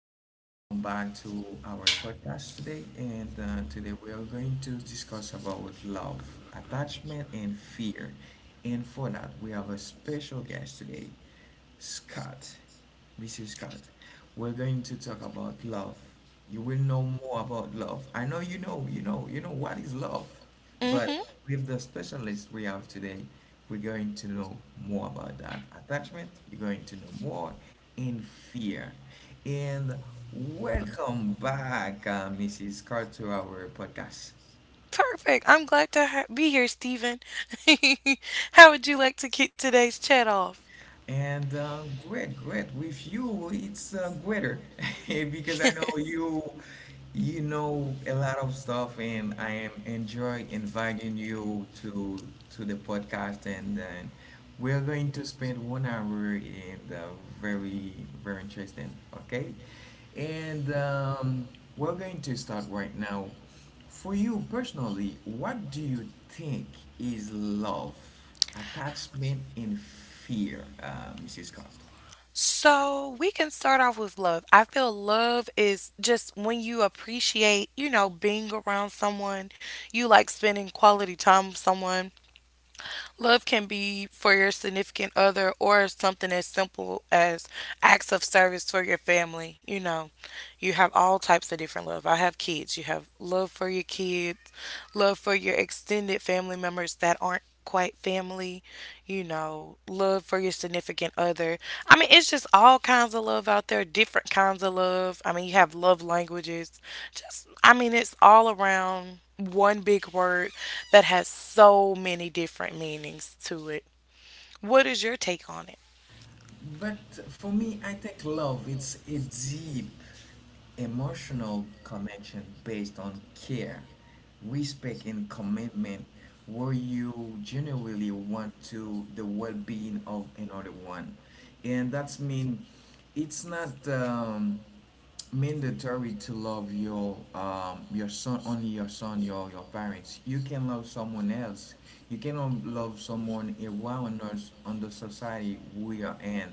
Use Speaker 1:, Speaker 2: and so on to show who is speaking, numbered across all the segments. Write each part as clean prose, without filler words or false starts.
Speaker 1: welcome back to our podcast today. And today we are going to discuss about love, attachment, and fear. And for that, we have a special guest today, Scott, Mrs. Scott. We're going to talk about love. You will know more about love. I know you know what is love. But
Speaker 2: hmm
Speaker 1: with the specialist we have today, we're going to know more about that attachment. You're going to know more in fear. And welcome back, Mrs. Carr, to our podcast.
Speaker 2: Perfect. I'm glad to be here, Stephen. How would you like to kick today's chat off?
Speaker 1: And great, great. With you, it's greater because I know you, you know a lot of stuff, and I am enjoy inviting you to the podcast, and then we're going to spend 1 hour and very, very interesting. Okay, and we're going to start right now. For you personally, what do you think is love, attachment, and fear, Mrs. Scott?
Speaker 2: So we can start off with love. I feel love is just when you appreciate, you know, being around someone, you like spending quality time with someone. Love can be for your significant other or something as simple as acts of service for your family. You know, you have all types of different love. I have kids. You have love for your kids, love for your extended family members that aren't quite family, you know, love for your significant other. I mean, it's just all kinds of love out there, different kinds of love. I mean, you have love languages. Just, I mean, it's all around one big word that has so many different meanings to it. What is your take on it?
Speaker 1: But for me, I think love it's a deep emotional connection based on care, respect, and commitment, where you genuinely want to the well-being of another one, and that's mean it's not mandatory to love your son, only your son, your parents. You can love someone else, you cannot love someone around us on the society we are in,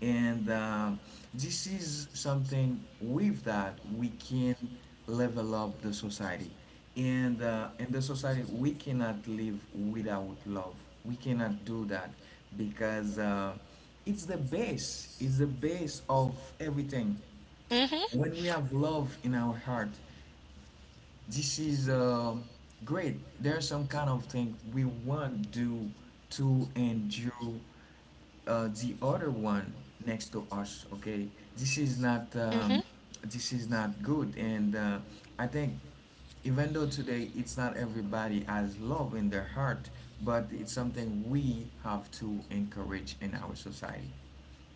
Speaker 1: and this is something with that we can level up the society. And in the society, we cannot live without love. We cannot do that because it's the base of everything.
Speaker 2: mm hmm
Speaker 1: When we have love in our heart, this is great. There's some kind of thing we want do to endure the other one next to us, okay. This is not
Speaker 2: mm
Speaker 1: um,
Speaker 2: hmm
Speaker 1: this is not good. And I think, even though today it's not everybody has love in their heart, but it's something we have to encourage in our society,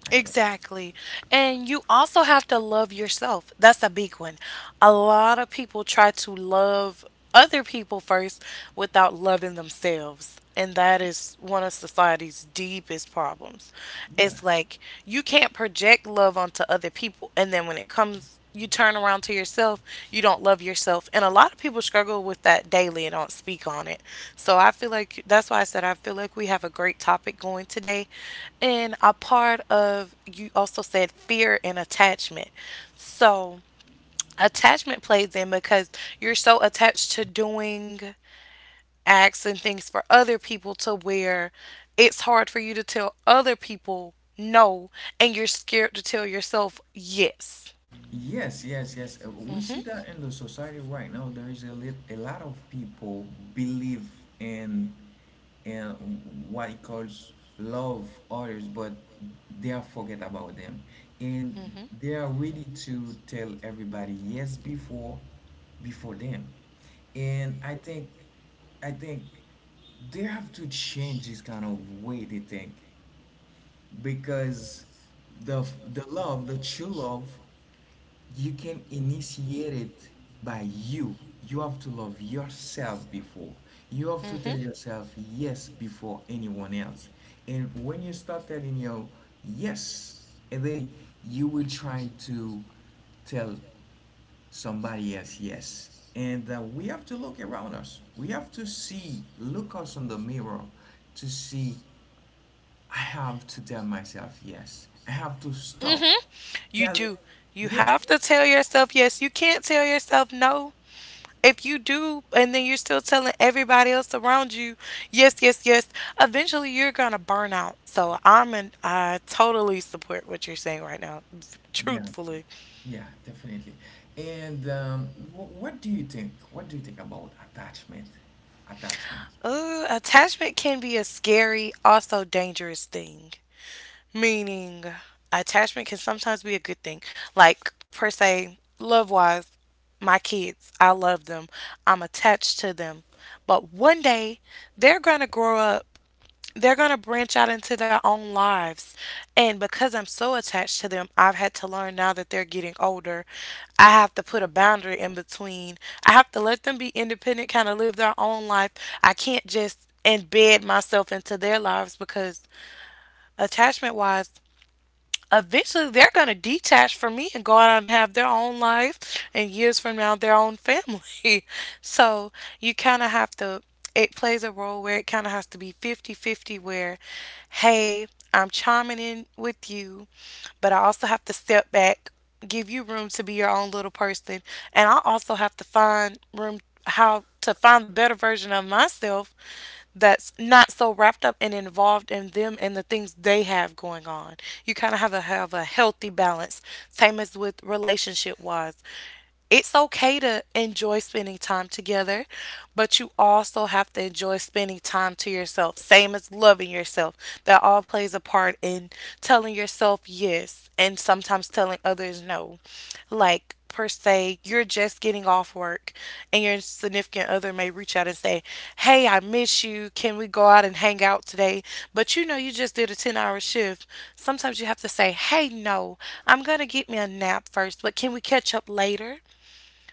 Speaker 1: I think.
Speaker 2: Exactly. And you also have to love yourself. That's a big one. A lot of people try to love other people first without loving themselves. And that is one of society's deepest problems.
Speaker 1: Yeah.
Speaker 2: It's like you can't project love onto other people. And then when it comes you turn around to yourself, you don't love yourself. And a lot of people struggle with that daily and don't speak on it. So I feel like that's why I said I feel like we have a great topic going today. And a part of you also said fear and attachment. So attachment plays in because you're so attached to doing acts and things for other people to where it's hard for you to tell other people no, and you're scared to tell yourself yes.
Speaker 1: Yes, yes, yes. We see that in the society right now. There is a lot of people believe in in what it calls love others, but they are forget about them, and
Speaker 2: Mm-hmm.
Speaker 1: they are ready to tell everybody yes before them. And I think they have to change this kind of way they think, because the the love, the true love, you can initiate it by you. You have to love yourself before. You have to tell
Speaker 2: hmm
Speaker 1: yourself yes before anyone else. And when you start telling your yes, and then you will try to tell somebody else yes. And we have to look around us. We have to see, look us in the mirror to see. I have to tell myself yes. I have to stop
Speaker 2: hmm. You
Speaker 1: telling
Speaker 2: do. You
Speaker 1: yes.
Speaker 2: have to tell yourself yes. You can't tell yourself no. If you do, and then you're still telling everybody else around you, yes, yes, yes, eventually you're gonna burn out. So I totally support what you're saying right now,
Speaker 1: Yeah.
Speaker 2: truthfully.
Speaker 1: Yeah, definitely. And um, what do you think? What do you think about attachment? Attachment.
Speaker 2: Attachment can be a scary, also dangerous thing. Meaning, attachment can sometimes be a good thing. Like, per se, love wise, my kids, I love them, I'm attached to them. But one day, they're going to grow up, they're going to branch out into their own lives. And because I'm so attached to them, I've had to learn now that they're getting older. I have to put a boundary in between. I have to let them be independent, kind of live their own life. I can't just embed myself into their lives because attachment wise, eventually they're going to detach from me and go out and have their own life and years from now their own family. So you kind of have to, it plays a role where it kind of has to be fifty-fifty. Where, hey, I'm chiming in with you, but I also have to step back, give you room to be your own little person, and I also have to find room how to find the better version of myself that's not so wrapped up and involved in them and the things they have going on. You kind of have to have a healthy balance, same as with relationship wise. It's okay to enjoy spending time together, but you also have to enjoy spending time to yourself, same as loving yourself. That all plays a part in telling yourself yes and sometimes telling others no. Like, per se, you're just getting off work and your significant other may reach out and say, "Hey, I miss you. Can we go out and hang out today?" But you know, you just did a 10-hour hour shift. Sometimes you have to say, "Hey, no, I'm going to get me a nap first, but can we catch up later?"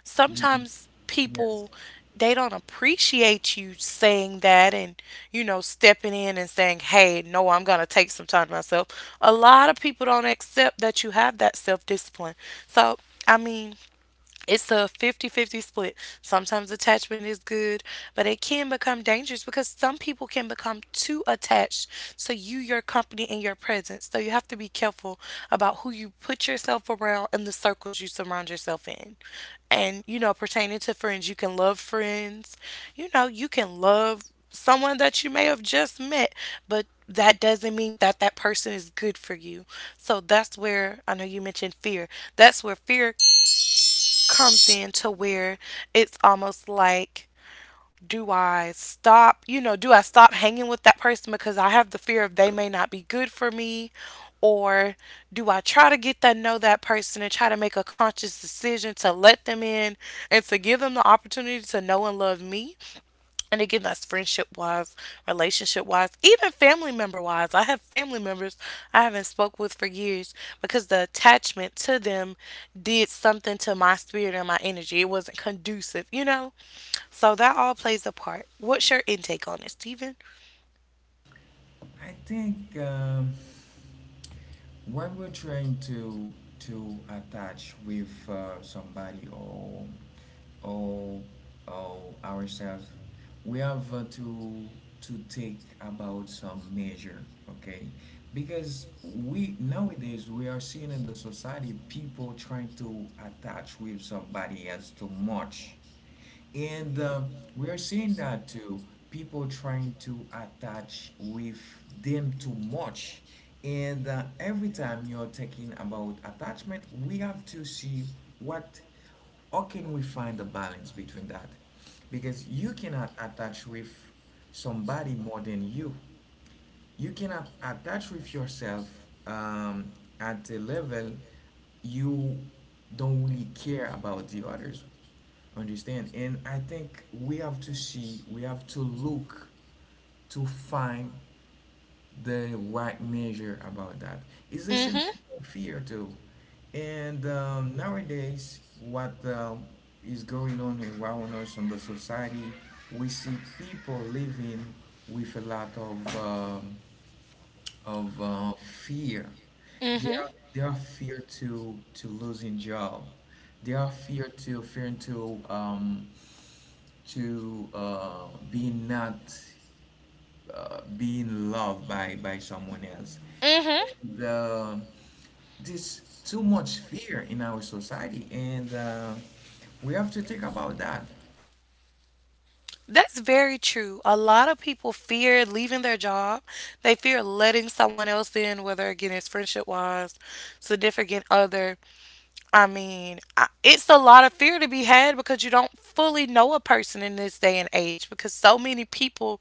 Speaker 2: Sometimes
Speaker 1: Yes.
Speaker 2: people, they don't appreciate you saying that, and you know, stepping in and saying, hey, no, I'm going to take some time to myself. A lot of people don't accept that you have that self discipline. So, I mean, it's a fifty-fifty split. Sometimes attachment is good, but it can become dangerous because some people can become too attached to you, your company, and your presence. So you have to be careful about who you put yourself around and the circles you surround yourself in. And, you know, pertaining to friends, you can love friends. You know, you can love someone that you may have just met, but that doesn't mean that that person is good for you. So that's where I know you mentioned fear. That's where fear comes in, to where it's almost like, do I stop, you know, do I stop hanging with that person because I have the fear of they may not be good for me? Or do I try to get to know that person and try to make a conscious decision to let them in and to give them the opportunity to know and love me? And again, that's friendship wise, relationship wise, even family member wise. I have family members I haven't spoke with for years because the attachment to them did something to my spirit and my energy. It wasn't conducive, you know? So that all plays a part. What's your intake on it, Steven?
Speaker 1: I think. When we're trying to attach with somebody or or or ourselves, we have to take about some measure, okay? Because we nowadays we are seeing in the society people trying to attach with somebody else too much, and we are seeing that too. People trying to attach with them too much. And every time you're talking about attachment, we have to see what, how can we find a balance between that? Because you cannot attach with somebody more than You cannot attach with yourself um, at a level you don't really care about the others. Understand? And I think we have to see, we have to look to find the right measure about that. It's the same
Speaker 2: Mm-hmm.
Speaker 1: thing for fear too. And nowadays, what is going on around us in the society, we see people living with a lot of fear. They are
Speaker 2: Mm-hmm.
Speaker 1: they are fear to losing job. They are fear to being not being loved by someone else.
Speaker 2: Mm-hmm.
Speaker 1: And there's too much fear in our society, and we have to think about that.
Speaker 2: That's very true. A lot of people fear leaving their job. They fear letting someone else in, whether again it's friendship wise, significant other. I mean, it's a lot of fear to be had because you don't fully know a person in this day and age because so many people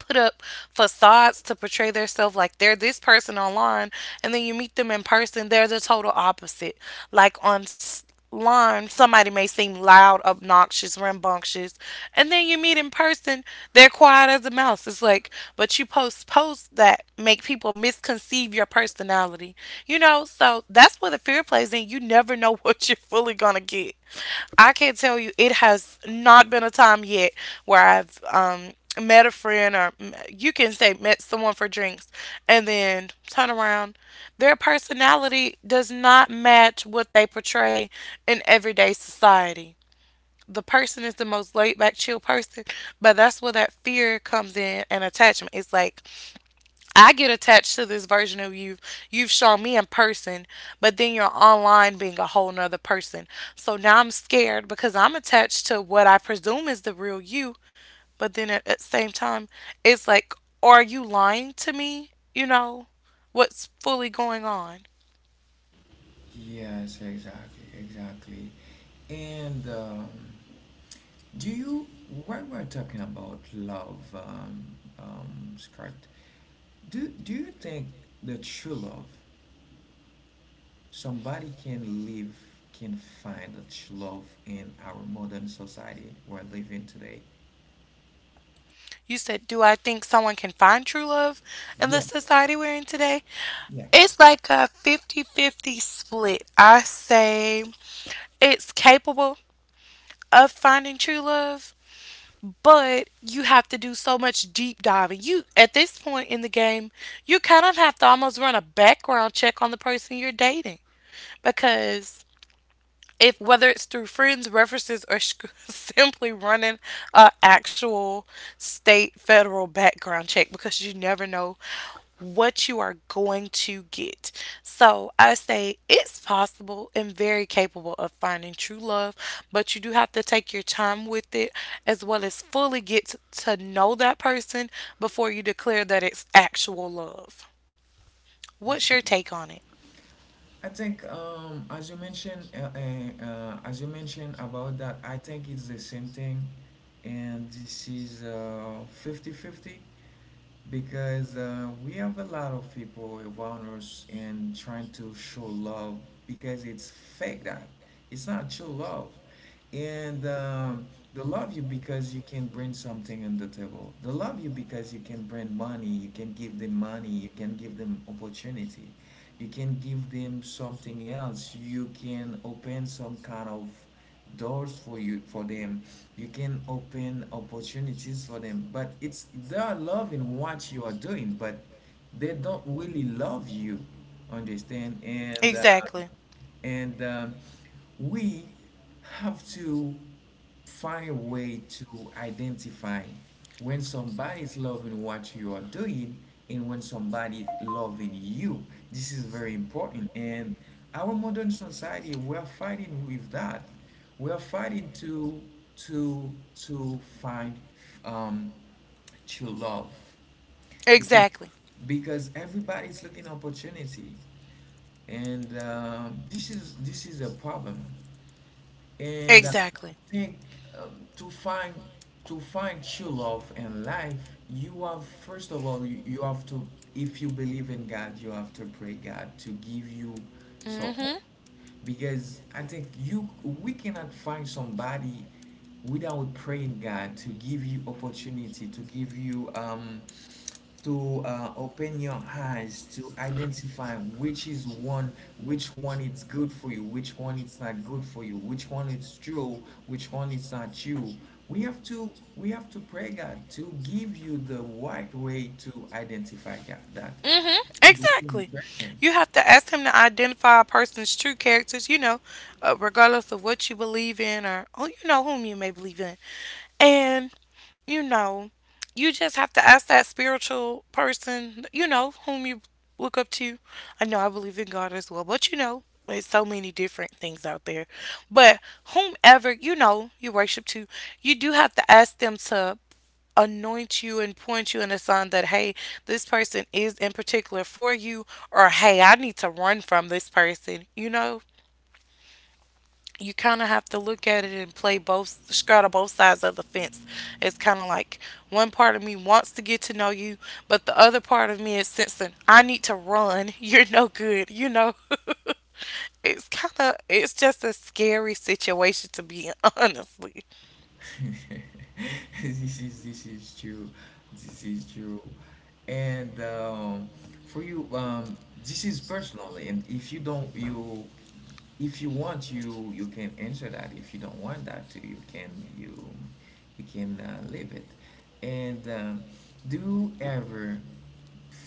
Speaker 2: put up facades to portray themselves like they're this person online, and then you meet them in person, they're the total opposite. Like on line, somebody may seem loud, obnoxious, rambunctious, and then you meet in person, they're quiet as a mouse. It's like, but you post posts that make people misconceive your personality, you know, so that's where the fear plays in. You never know what you're fully gonna get. I can tell you it has not been a time yet where I've met a friend, or you can say met someone for drinks, and then turn around, their personality does not match what they portray in everyday society. The person is the most laid back, chill person. But that's where that fear comes in and attachment. It's like, I get attached to this version of you you've shown me in person, but then you're online being a whole nother person. So now I'm scared because I'm attached to what I presume is the real you, but then at the same time, it's like, are you lying to me? You know, what's fully going on?
Speaker 1: Yes, exactly, exactly. And do you, while we're talking about love, Scott, do you think the true love somebody can live, can find the true love in our modern society we're living today?
Speaker 2: You said, do I think someone can find true love in the
Speaker 1: Yes,
Speaker 2: society we're in today?
Speaker 1: yeah.
Speaker 2: It's like a fifty-fifty split. I say it's capable of finding true love, but you have to do so much deep diving. You, at this point in the game, you kind of have to almost run a background check on the person you're dating because, if whether it's through friends, references, or simply running a actual state federal background check because you never know what you are going to get. So I say it's possible and very capable of finding true love, but you do have to take your time with it, as well as fully get to know that person before you declare that it's actual love. What's your take on it?
Speaker 1: I think, as you mentioned about that, I think it's the same thing, and this is 50-50 because we have a lot of people around us and trying to show love because it's fake that, it's not true love. And they love you because you can bring something on the table. They love you because you can bring money, you can give them money, you can give them opportunity, you can give them something else, you can open some kind of doors for you, for them. You can open opportunities for them, but it's, they are loving what you are doing, but they don't really love you. Understand? and uh,
Speaker 2: Exactly.
Speaker 1: and um, we have to find a way to identify when somebody is loving what you are doing, and when somebody is loving you. This is very important. And our modern society, we're fighting with that. We're fighting to find um, true love, because
Speaker 2: Exactly.
Speaker 1: because everybody's looking opportunity. And this is a problem. And I
Speaker 2: Exactly.
Speaker 1: think, um, to find to find true love in life, you have, first of all, you have to, if you believe in God, you have to pray God to give you
Speaker 2: Mm-hmm.
Speaker 1: someone. Because I think, you, we cannot find somebody without praying God to give you opportunity, to give you to open your eyes to identify which is one, which one is good for you, which one is not good for you, which one is true, which one is not true. we have to we have to pray God to give you the right way to identify. God, that
Speaker 2: Mm-hmm.
Speaker 1: is really
Speaker 2: Exactly.
Speaker 1: interesting.
Speaker 2: You have to ask him to identify a person's true characters, you know, regardless of what you believe in, or, oh, you know, whom you may believe in. And, you know, you just have to ask that spiritual person, you know, whom you look up to. I know I believe in God as well, but, you know, there's so many different things out there. But whomever, you know, you worship to, you do have to ask them to anoint you and point you in a sign that, hey, this person is in particular for you, or hey, I need to run from this person. You know, you kind of have to look at it and play both, straddle both sides of the fence. It's kind of like, one part of me wants to get to know you, but the other part of me is sensing, I need to run. You're no good, you know. It's kind of, it's just a scary situation to be in, honestly.
Speaker 1: This is true. This is true. And for you, this is personally, and if you don't, you, if you want, you can answer that. If you don't want that to, you, you can leave it. And do you ever?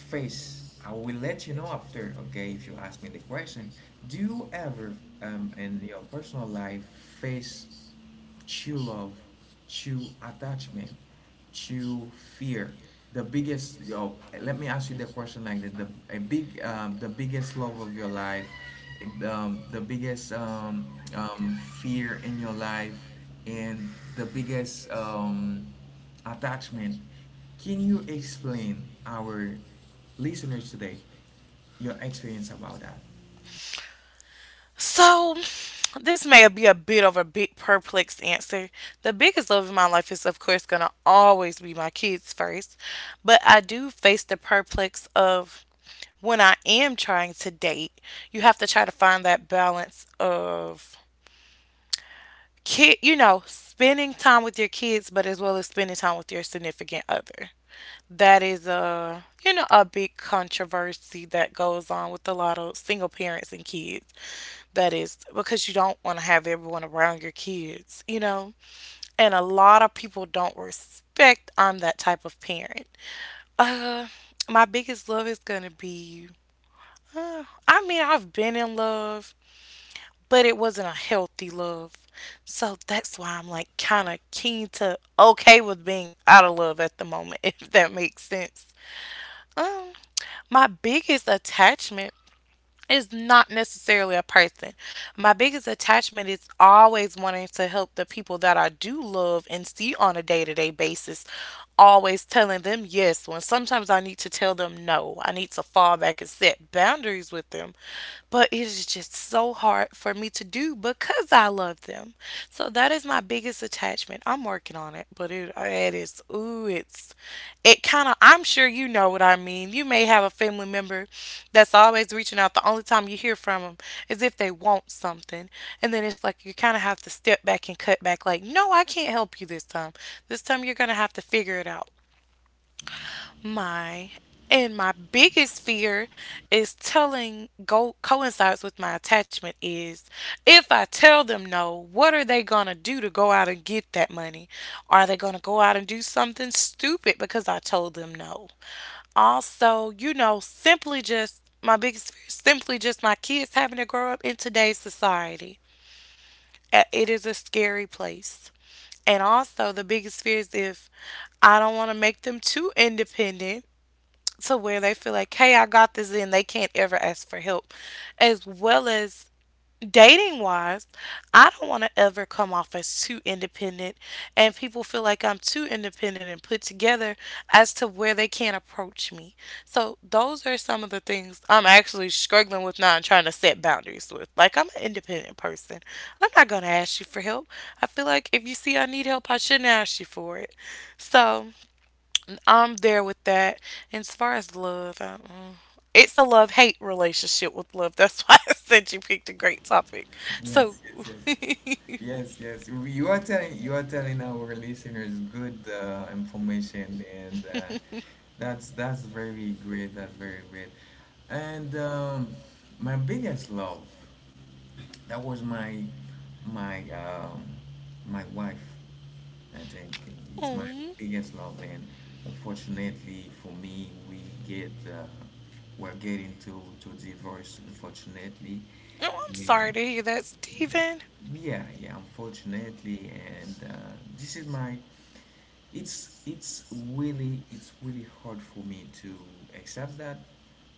Speaker 1: Face, I will let you know after, okay, if you ask me the question. Do you ever, in your personal life, face true love, true attachment, true fear? The biggest, yo, let me ask you the question like that. The biggest love of your life, the biggest fear in your life, and the biggest attachment, can you explain our listeners today your experience about that?
Speaker 2: So this may be a bit of a big perplexed answer. The biggest love in my life is, of course, going to always be my kids first. But I do face the perplex of, when I am trying to date, you have to try to find that balance of kid, you know, spending time with your kids, but as well as spending time with your significant other. That is a, you know, a big controversy that goes on with a lot of single parents and kids. That is because you don't want to have everyone around your kids, you know? And a lot of people don't respect I'm that type of parent. Uh, my biggest love is gonna be. I mean, I've been in love, but it wasn't a healthy love. So that's why I'm like kind of keen to okay with being out of love at the moment, if that makes sense. Um, my biggest attachment is not necessarily a person. My biggest attachment is always wanting to help the people that I do love and see on a day to day basis, always telling them yes when sometimes I need to tell them no. I need to fall back and set boundaries with them. But it is just so hard for me to do because I love them. So that is my biggest attachment. I'm working on it, but it is ooh, it's it kind of I'm sure you know what I mean. You may have a family member that's always reaching out. The only time you hear from them is if they want something, and then it's like you kind of have to step back and cut back. Like, no, I can't help you this time. This time you're gonna have to figure it out. My and my biggest fear is telling go coincides with my attachment is if I tell them no, what are they gonna do to go out and get that money? Are they gonna go out and do something stupid because I told them no? Also, you know, simply just my biggest fear is simply just my kids having to grow up in today's society. It is a scary place. And also, the biggest fear is if I don't want to make them too independent to where they feel like, hey, I got this, and they can't ever ask for help. As well as dating wise, I don't want to ever come off as too independent, and people feel like I'm too independent and put together as to where they can't approach me. So, those are some of the things I'm actually struggling with now and trying to set boundaries with. Like, I'm an independent person, I'm not going to ask you for help. I feel like if you see I need help, I shouldn't ask you for it. So, I'm there with that. And as far as love, I, it's a love hate relationship with love. That's why I said you picked a great topic. So,
Speaker 1: Yes, yes, yes.
Speaker 2: aw.
Speaker 1: Yes, yes. You are telling our listeners good information, and that's very great. That's very great. And my biggest love, that was my my um, my wife. I think it's my
Speaker 2: Oh,
Speaker 1: biggest love, and unfortunately for me, get uh, we're getting to divorce. Unfortunately,
Speaker 2: I'm
Speaker 1: yeah,
Speaker 2: sorry to hear that, Stephen.
Speaker 1: yeah, yeah, unfortunately, and this is my. It's really hard for me to accept that,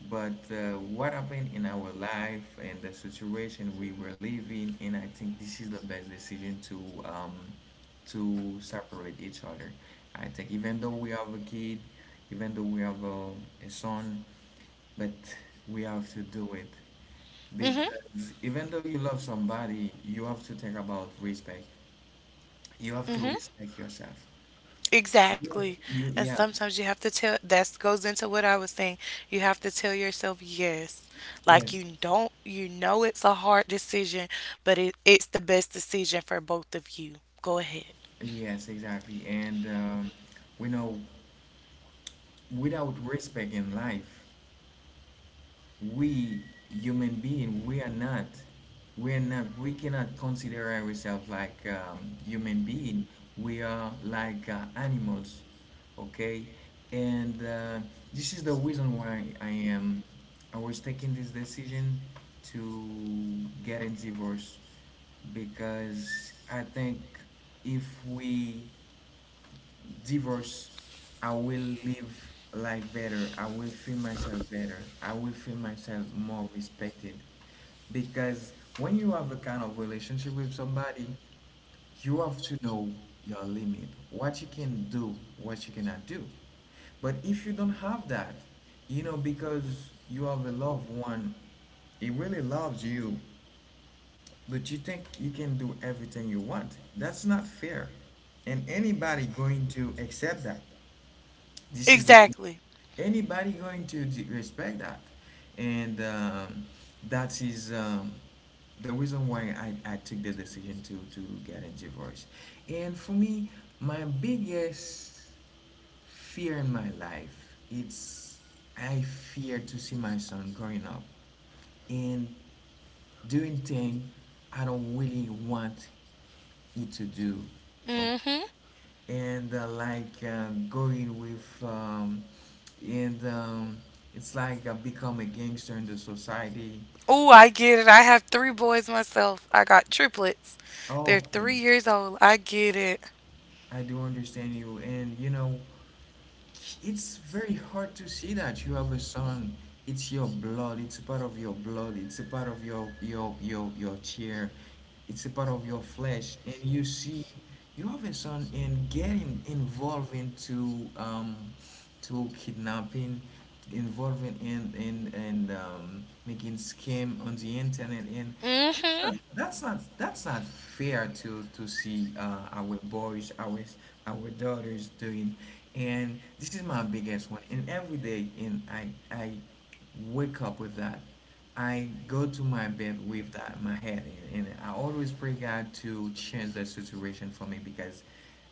Speaker 1: but what happened in our life and the situation we were living, and I think this is the best decision um, to separate each other. I think, even though we have a kid, even though we have a son, but we have to do it,
Speaker 2: Mhm.
Speaker 1: because even though you love somebody, you have to think about respect. You have to
Speaker 2: Mhm.
Speaker 1: respect yourself. You,
Speaker 2: Exactly.
Speaker 1: you,
Speaker 2: And
Speaker 1: yeah,
Speaker 2: sometimes you have to tell. That goes into what I was saying. You have to tell yourself yes. Like
Speaker 1: yes,
Speaker 2: you don't. You know it's a hard decision, but it's the best decision for both of you. Go ahead.
Speaker 1: yes, exactly. And we know without respect in life, we human being, we are not we cannot consider ourselves like human being, we are like animals, okay. And this is the reason why I was taking this decision to get a divorce, because I think, if we divorce, I will live life better. I will feel myself better. I will feel myself more respected. Because when you have a kind of relationship with somebody, you have to know your limit, what you can do, what you cannot do. But if you don't have that, because you have a loved one, he really loves you, but you think you can do everything you want. That's not fair. And anybody going to accept that. This is the,
Speaker 2: Exactly.
Speaker 1: anybody going to respect that, and that is the reason why I took the decision to get a divorce. And for me, my biggest fear in my life, it's I fear to see my son growing up and doing things I don't really want you to do,
Speaker 2: Mm-hmm.
Speaker 1: and like going with and it's like I become a gangster in the society.
Speaker 2: Oh, I get it. I have three boys myself. I got triplets. They're three
Speaker 1: Okay,
Speaker 2: years old. I get it.
Speaker 1: I do understand you, and it's very hard to see that you have a son. It's your blood. It's a part of your blood. It's a part of your chair. It's a part of your flesh, and you see, you have a son and getting involved into to kidnapping, involving in and making scam on the internet, and that's
Speaker 2: Mhm.
Speaker 1: not that's not that's not fair to see our boys, our daughters doing. And this is my biggest one. And every day, and I wake up with that. I go to my bed with that my head and I always pray God to change that situation for me because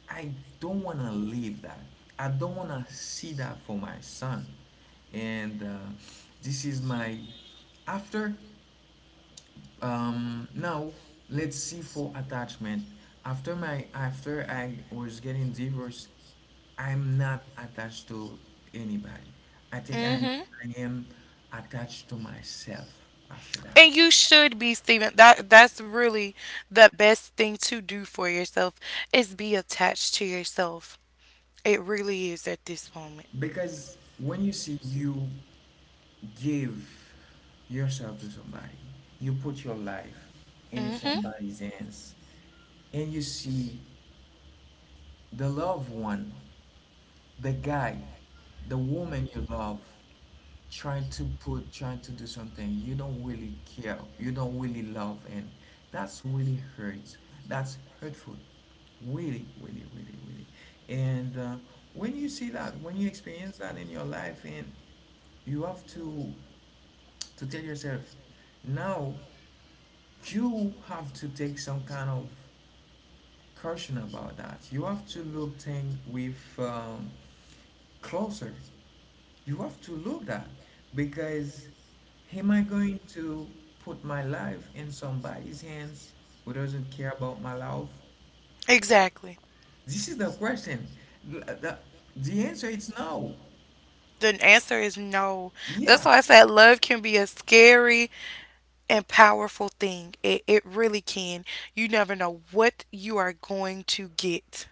Speaker 1: I don't want to leave that. I don't want to see that for my son. And this is my after now Let's see for attachment. After I was getting divorced, I'm not attached to anybody. I think
Speaker 2: Mhm.
Speaker 1: I am attached to myself after that.
Speaker 2: And you should be, Steven. That's really the best thing to do for yourself is be attached to yourself. It really is at this moment.
Speaker 1: Because when you see you give yourself to somebody, you put your life in
Speaker 2: Mhm.
Speaker 1: somebody's hands, and you see the loved one the guy, the woman you love, trying to put, trying to do something you don't really care, you don't really love, and that's really hurts. That's hurtful, really, really, really, really. And when you see that, when you experience that in your life, and you have to tell yourself, now you have to take some kind of caution about that. You have to look thing with closer. You have to look that because am I going to put my life in somebody's hands who doesn't care about my life?
Speaker 2: Exactly.
Speaker 1: This is the question. The, the answer is no.
Speaker 2: The answer is no. That's
Speaker 1: Yeah.
Speaker 2: why I said love can be a scary and powerful thing. It really can. You never know what you are going to get.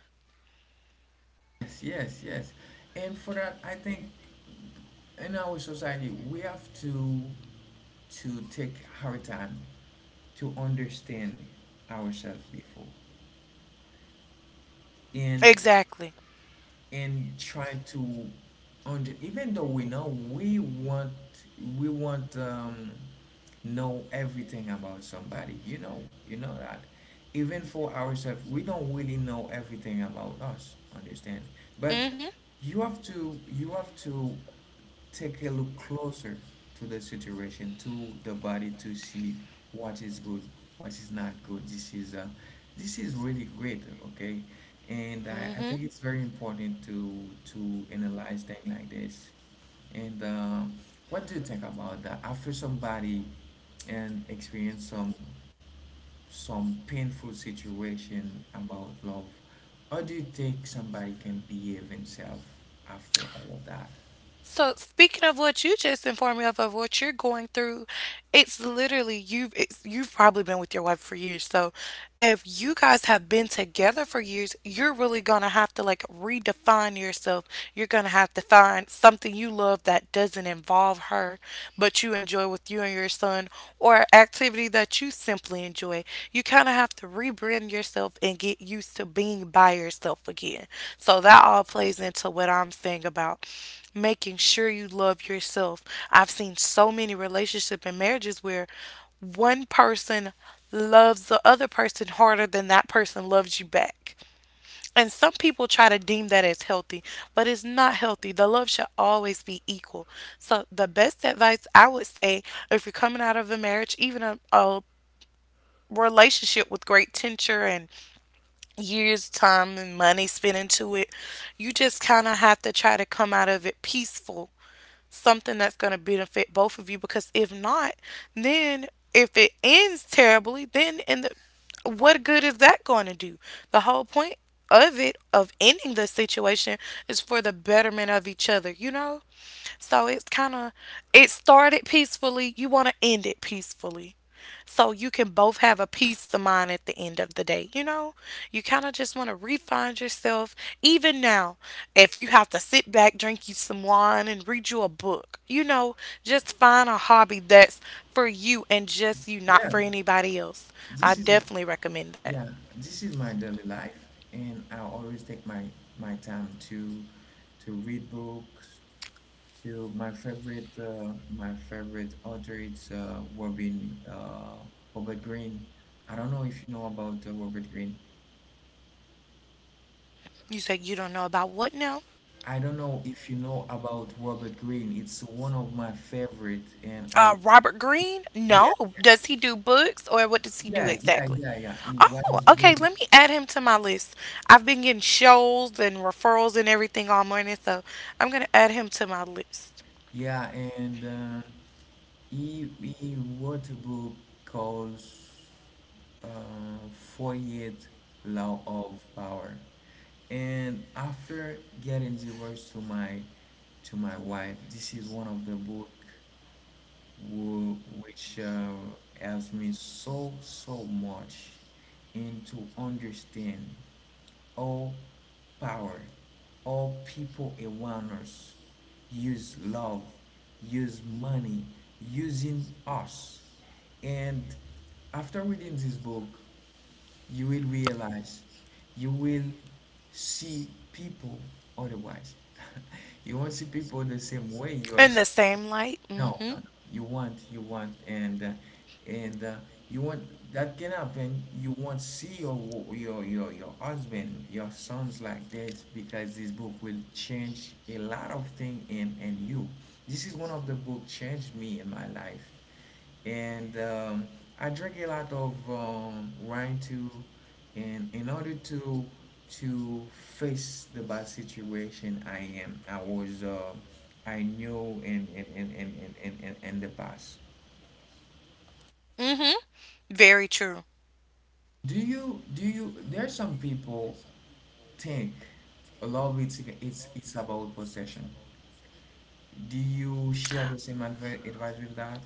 Speaker 1: Yes, yes, yes. And for that, I think in our society we have to take our time to understand ourselves before. And
Speaker 2: Exactly.
Speaker 1: and try to under even though we know we want know everything about somebody you know that even for ourselves we don't really know everything about us understand but
Speaker 2: Mm
Speaker 1: you have to take a look closer to the situation, to the body, to see what is good, what is not good. This is really great, okay? And I
Speaker 2: hmm.
Speaker 1: think it's very important to analyze things like this. And what do you think about that? After somebody and experience some painful situation about love, how do you think somebody can behave himself after all of that?
Speaker 2: So, speaking of what you just informed me of what you're going through, it's literally you've probably been with your wife for years. So, if you guys have been together for years, you're really gonna have to like redefine yourself. You're gonna have to find something you love that doesn't involve her, but you enjoy with you and your son, or activity that you simply enjoy, you kind of have to rebrand yourself and get used to being by yourself again. So that all plays into what I'm saying about making sure you love yourself. I've seen so many relationship and marriages where one person loves the other person harder than that person loves you back. And some people try to deem that as healthy, but it's not healthy. The love should always be equal. So, the best advice I would say if you're coming out of a marriage, even a relationship with great tincture and years time and money spent into it, you just kind of have to try to come out of it peaceful, something that's going to benefit both of you, because if not, then if it ends terribly, then in the, what good is that going to do? The whole point of it, of ending the situation, is for the betterment of each other, you know. So it's kind of, it started peacefully, you want to end it peacefully so you can both have a peace of mind at the end of the day. You know, you kind of just want to refine yourself. Even now, if you have to sit back, drink you some wine, and read you a book, you know, just find a hobby that's for you and just you, not
Speaker 1: Yeah,
Speaker 2: for anybody else. I
Speaker 1: this is
Speaker 2: definitely recommend that.
Speaker 1: Yeah, this is my daily life, and I always take my my time to read books. To my favorite author is Robin Robert Greene. I don't know if you know about Robert Greene.
Speaker 2: You said you don't know about what now?
Speaker 1: I don't know if you know about Robert Greene. It's one of my favorite, and I
Speaker 2: Robert Greene?
Speaker 1: yeah
Speaker 2: No. Does he do books or what does he do
Speaker 1: yeah yeah
Speaker 2: exactly?
Speaker 1: yeah yeah. He was
Speaker 2: Oh, okay.
Speaker 1: good.
Speaker 2: Let me add him to my list. I've been getting shows and referrals and everything all morning, so I'm gonna add him to my list.
Speaker 1: Yeah, and he wrote a book called. uh, Fourier law of power. And after getting divorced to my wife, this is one of the book who, which helps me so so much and to understand all power, all people around us use love, use money, using us. And after reading this book, you will realize you will see people otherwise you won't see people the same way you are s-
Speaker 2: In the same light.
Speaker 1: no no
Speaker 2: Mm-hmm.
Speaker 1: no you want you want and you want that can happen you won't see your wo- your husband your sons like this because this book will change a lot of thing in you this is one of the book changed me in my life and I drink a lot of wine too, and in order to face the bad situation I am, I was, I knew in the past.
Speaker 2: Mm-hmm. Very true.
Speaker 1: Do you? There are some people think a lot of it's about possession. Do you share the same advi- advice with that?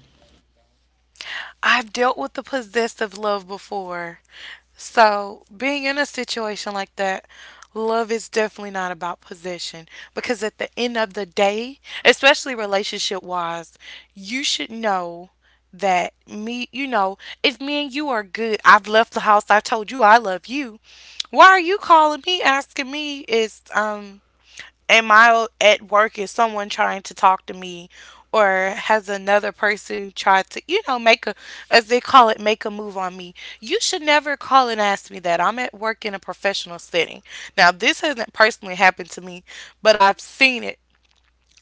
Speaker 2: I've dealt with the possessive love before. So, being in a situation like that, love is definitely not about possession because at the end of the day, especially relationship wise, you should know that me, you know, if me and you are good, I've left the house, I told you I love you. Why are you calling me asking me is am I at work? Is someone trying to talk to me? Or has another person tried to, you know, make a, as they call it, make a move on me? You should never call and ask me that. I'm at work in a professional setting. Now, this hasn't personally happened to me, but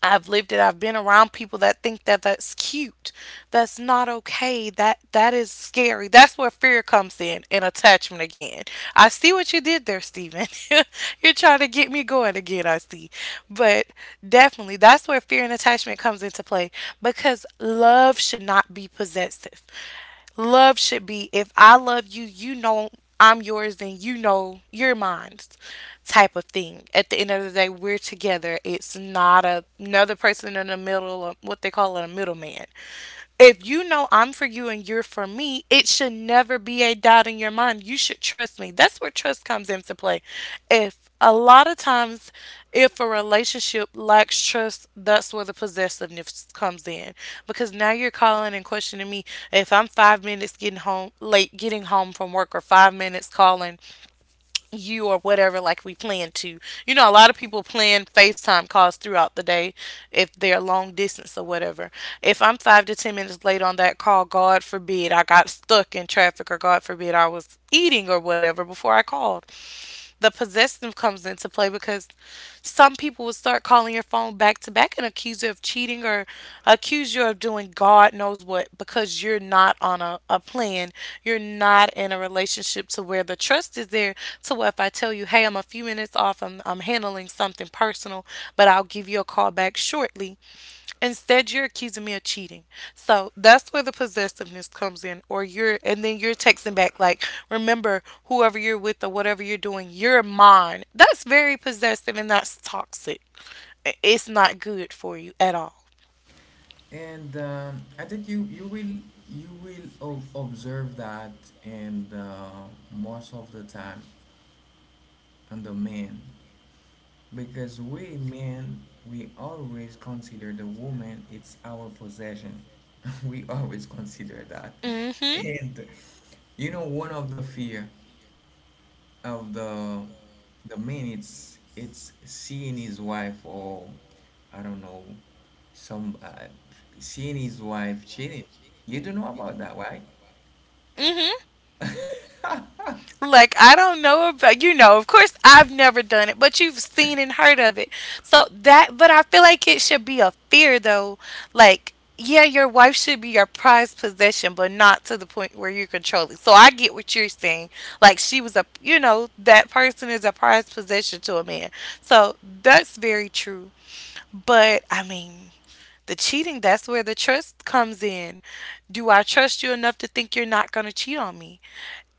Speaker 2: I've lived it. I've been around people that think that that's cute. That's not okay. That is scary. That's where fear comes in and attachment again. I see what you did there, Stephen. You're trying to get me going again. I see, but definitely that's where fear and attachment comes into play because love should not be possessive. Love should be if I love you, you know I'm yours, and you know you're mine, type of thing. At the end of the day, we're together. It's not another person in the middle of what they call it a middleman. If you know I'm for you and you're for me, it should never be a doubt in your mind. You should trust me. That's where trust comes into play. If a lot of times, if a relationship lacks trust, that's where the possessiveness comes in. Because now you're calling and questioning me if I'm 5 minutes getting home late, getting home from work, or 5 minutes calling you or whatever like we plan to. You know, a lot of people plan facetime calls throughout the day if they're long distance or whatever. If I'm 5 to 10 minutes late on that call, god forbid I got stuck in traffic, or god forbid I was eating or whatever before I called, the possessive comes into play because some people will start calling your phone back to back and accuse you of cheating, or accuse you of doing God knows what because you're not on a plan. You're not in a relationship to where the trust is there. To where if I tell you, hey, I'm a few minutes off, I'm handling something personal, but I'll give you a call back shortly, instead, you're accusing me of cheating. So that's where the possessiveness comes in, and then you're texting back, like, remember, whoever you're with or whatever you're doing, you're mine. That's very possessive and that's toxic. I- It's not good for you at all.
Speaker 1: And I think you will you will ob observe that in the, most of the time on the men because we men we always consider the woman it's our possession. We always consider that.
Speaker 2: Mm hmm.
Speaker 1: And you know one of the fear of the man it's seeing his wife or I don't know some seeing his wife cheating. You don't know about that, right?
Speaker 2: Mm hmm. Like, I don't know about, you know, of course I've never done it, but you've seen and heard of it. So that, but I feel like it should be a fear though. Like, yeah, your wife should be your prized possession, but not to the point where you're controlling. So I get what you're saying. Like, she was a, you know, that person is a prized possession to a man. So that's very true. But I mean, the cheating, that's where the trust comes in. Do I trust you enough to think you're not going to cheat on me?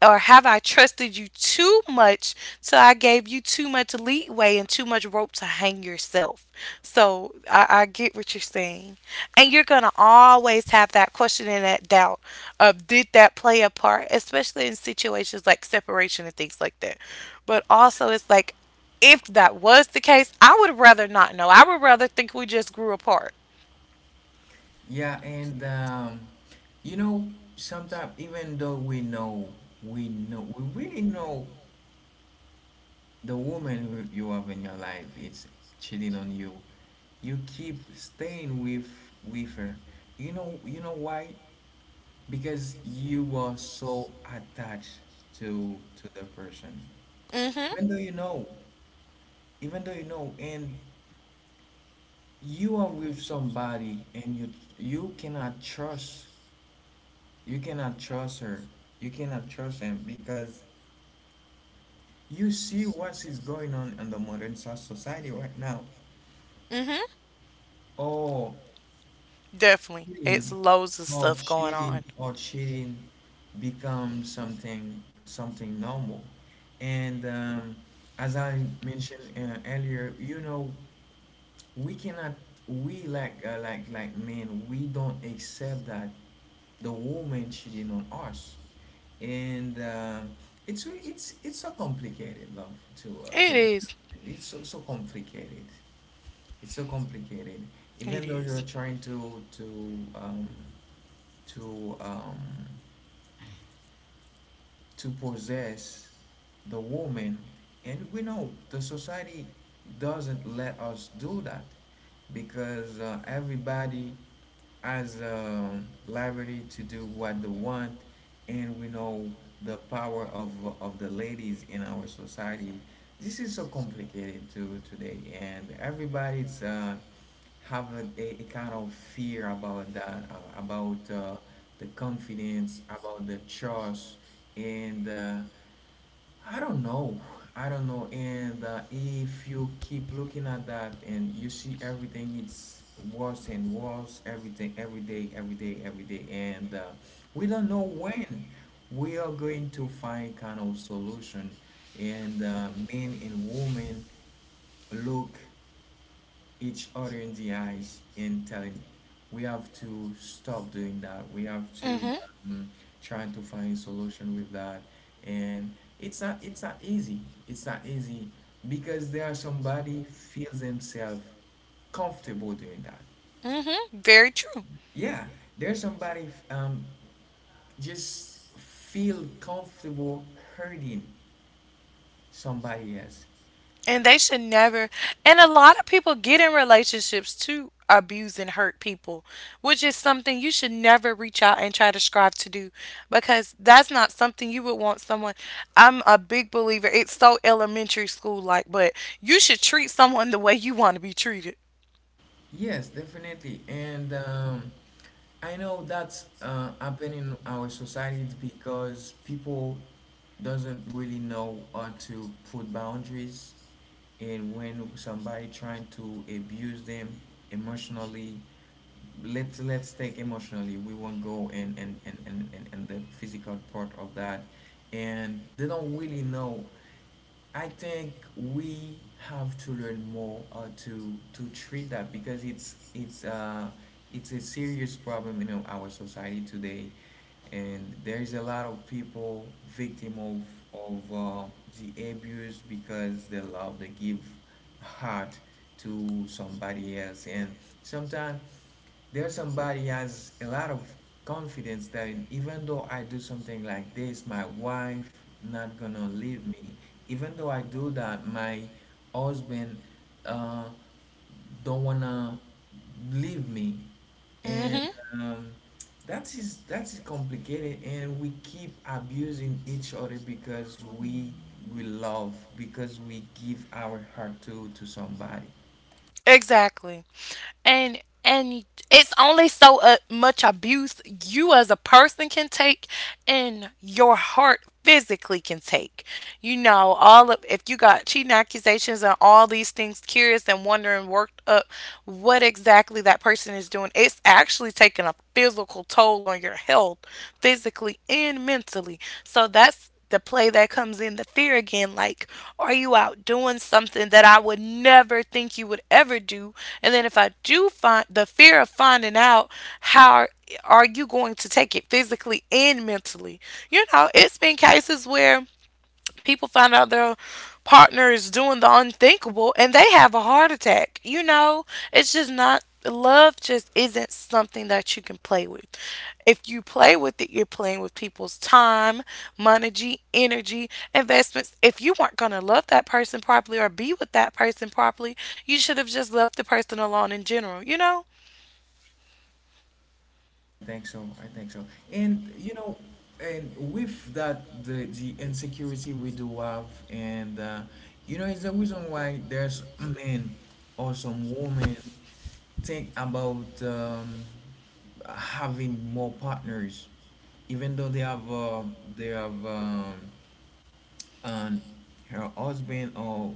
Speaker 2: Or have I trusted you too much so I gave you too much leeway and too much rope to hang yourself? So I get what you're saying. And you're going to always have that question and that doubt of did that play a part, especially in situations like separation and things like that. But also, it's like if that was the case, I would rather not know. I would rather think we just grew apart.
Speaker 1: Yeah, and you know sometimes even though we know we know we really know the woman who you have in your life is cheating on you you keep staying with her you know why because you are so attached to the person
Speaker 2: Mm hmm.
Speaker 1: even though you know even though you know and you are with somebody and you you cannot trust you cannot trust her you cannot trust him because you see what is going on in the modern so- society right now
Speaker 2: Mm hmm.
Speaker 1: oh
Speaker 2: Definitely. It's
Speaker 1: Cheating,
Speaker 2: loads of
Speaker 1: Or
Speaker 2: stuff going
Speaker 1: cheating
Speaker 2: on.
Speaker 1: or cheating becomes something something normal. And as I mentioned earlier, you know, we cannot we like like men, we don't accept that the woman cheating on us. And it's re- it's so complicated, love, to to
Speaker 2: It
Speaker 1: the
Speaker 2: is.
Speaker 1: It's so so complicated. It's so complicated.
Speaker 2: It
Speaker 1: Even though
Speaker 2: is.
Speaker 1: you're trying um to to possess the woman, and we know the society doesn't let us do that because everybody has a liberty to do what they want, and we know the power of the ladies in our society. This is so complicated to today, and everybody's have a kind of fear about that, about the confidence, about the trust, and I don't know, I don't know. And if you keep looking at that and you see everything, it's worse and worse, everything, every day, every day, every day, and we don't know when we are going to find kind of solution. And men and women look each other in the eyes and telling we have to stop doing that we have to
Speaker 2: Mm-hmm.
Speaker 1: um, try to find solution with that and it's not it's not easy it's not easy because there are somebody feels themselves comfortable doing that
Speaker 2: Mm-hmm. Very true.
Speaker 1: yeah there's somebody just feel comfortable hurting somebody else
Speaker 2: And they should never. And a lot of people get in relationships to abuse and hurt people, which is something you should never reach out and try to strive to do because that's not something you would want someone. I'm a big believer. It's so elementary school like, but you should treat someone the way you want to be treated.
Speaker 1: yes definitely and I know that's happen in our societies because people doesn't really know how to put boundaries, and when somebody trying to abuse them emotionally, let's take emotionally. We won't go and the physical part of that, and they don't really know I think we have to learn more to treat that because it's it's a serious problem in our society today, and there's a lot of people victim of the abuse because they love they give heart to somebody else, and sometimes there's somebody has a lot of confidence that even though I do something like this, my wife not gonna leave me. Even though I do that, my husband uh, don't wanna leave me, and
Speaker 2: Mm-hmm.
Speaker 1: um, that is complicated. And we keep abusing each other because we love because we give our heart to somebody.
Speaker 2: Exactly. And it's only so much abuse you as a person can take and your heart physically can take, you know, all of if you got cheating accusations and all these things, curious and wondering, worked up, what exactly that person is doing, it's actually taking a physical toll on your health, physically and mentally. So that's the play that comes in the fear again, like are you out doing something that I would never think you would ever do? And then if I do find the fear of finding out, how are you going to take it physically and mentally? You know, it's been cases where people find out their partner is doing the unthinkable and they have a heart attack. You know, it's just not love just isn't something that you can play with. If you play with it, you're playing with people's time, money, energy, investments. If you weren't going to love that person properly or be with that person properly, you should have just left the person alone in general, you know?
Speaker 1: Think so. I think so. And you know, and with that, the insecurity we do have, and you know, it's the reason why there's men or some women think about having more partners, even though they have and her husband or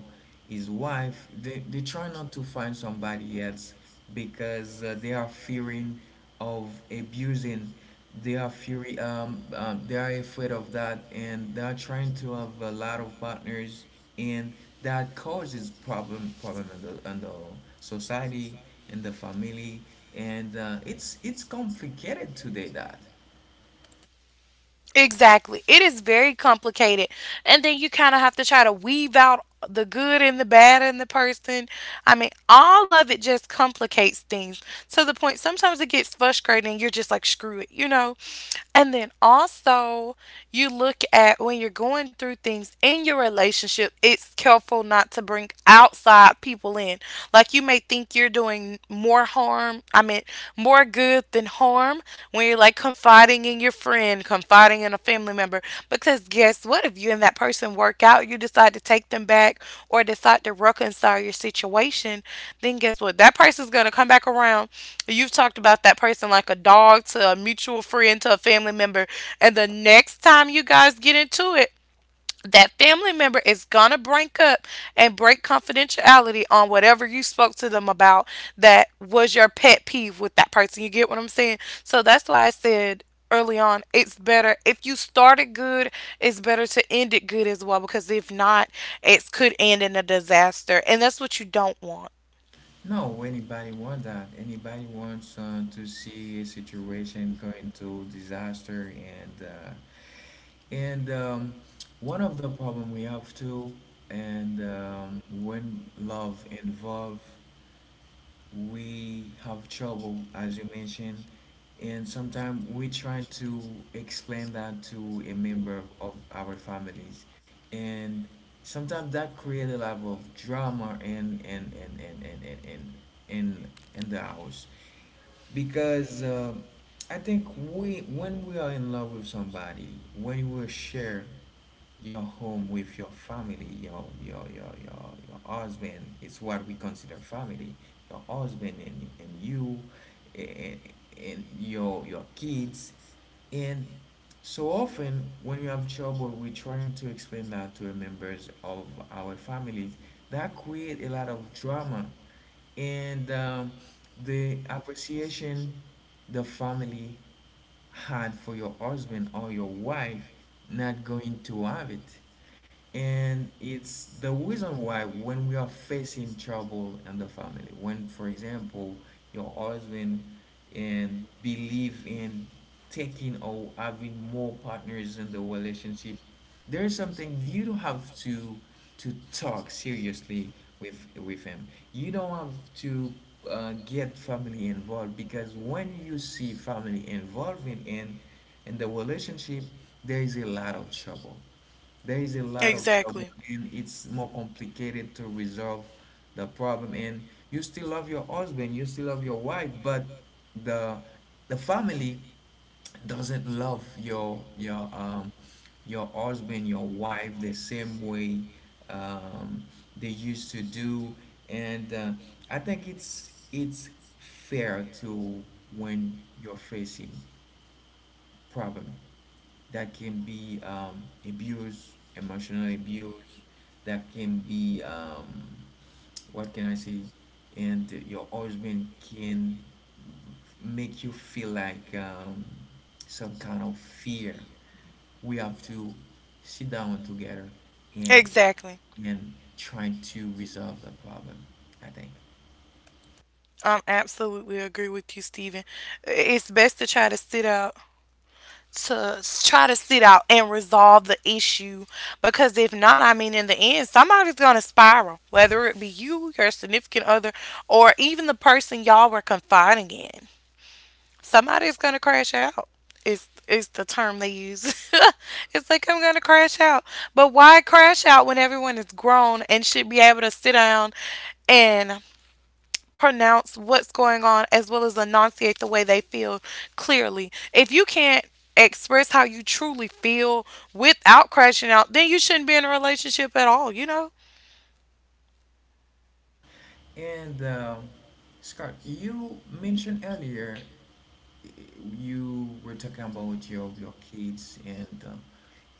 Speaker 1: his wife they try not to find somebody else because they are fearing of abusing they are fury they are afraid of that and they are trying to have a lot of partners and that causes problem problem in the society in the family and it's complicated today that
Speaker 2: Exactly. It is very complicated. And then you kind of have to try to weave out the good and the bad in the person. I mean, all of it just complicates things to the point sometimes it gets frustrating. You're just like, screw it, you know? And then also, you look at when you're going through things in your relationship, it's careful not to bring outside people in. Like you may think you're doing more harm, I mean, more good than harm when you're like confiding in your friend, confiding in a family member. Because guess what? If you and that person work out, you decide to take them back or decide to reconcile your situation, then guess what? That person's going to come back around. You've talked about that person like a dog to a mutual friend, to a family member. And the next time you guys get into it, that family member is gonna break up and break confidentiality on whatever you spoke to them about that was your pet peeve with that person. You get what I'm saying? So that's why I said early on it's better if you started good, it's better to end it good as well, because if not it could end in a disaster, and that's what you don't want.
Speaker 1: No, anybody want that. Anybody wants to see a situation going to disaster and one of the problem we have too and when love involved we have trouble, as you mentioned, and sometimes we try to explain that to a member of our families, and sometimes that creates a level of drama in, in the house because I think we when we are in love with somebody, when you will share your home with your family, your husband, it's what we consider family. Your husband and you and, and your kids and so often when we have trouble, we're trying to explain that to the members of our families. That create a lot of drama, and the appreciation the family had for your husband or your wife, not going to have it. And it's the reason why, when we are facing trouble in the family, when for example your husband and believe in taking or having more partners in the relationship, there is something you don't have to talk seriously with him. You don't have to get family involved, because when you see family involving in the relationship, there is a lot of trouble. There is a lot of trouble,
Speaker 2: Exactly.
Speaker 1: and it's more complicated to resolve the problem. And you still love your husband, you still love your wife, but the the family doesn't love your your husband, your wife the same way um, they used to do. And I think it's fair to, when you're facing problem that can be abuse, emotional abuse, that can be what can I say? And your husband can make you feel like some kind of fear. We have to sit down together and
Speaker 2: Exactly.
Speaker 1: try to resolve the problem, I think.
Speaker 2: I'm absolutely agree with you, Stephen. It's best to try to sit out, try to sit out and resolve the issue, because if not, I mean, in the end, somebody's going to spiral, whether it be you, your significant other, or even the person y'all were confiding in. Somebody's going to crash out. Is the term they use. It's like I'm gonna crash out. But why crash out when everyone is grown and should be able to sit down and pronounce what's going on as well as enunciate the way they feel clearly. If you can't express how you truly feel without crashing out, then you shouldn't be in a relationship at all, you know?
Speaker 1: And Scott, you mentioned earlier, eh, you were talking about your kids, and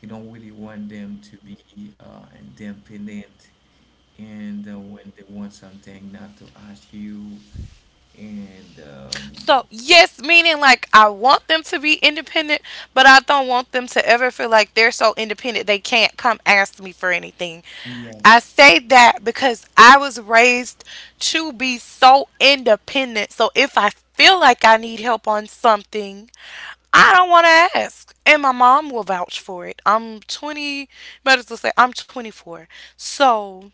Speaker 1: you don't really want them to be independent. And when they want something, not to ask you, and
Speaker 2: So, yes, meaning like I want them to be independent, but I don't want them to ever feel like they're so independent they can't come ask me for anything. I
Speaker 1: yes.
Speaker 2: say that because I was raised to be so independent. So, if I feel like I need help on something, I don't want to ask. And my mom will vouch for it. I'm 20, better to say, I'm 24. So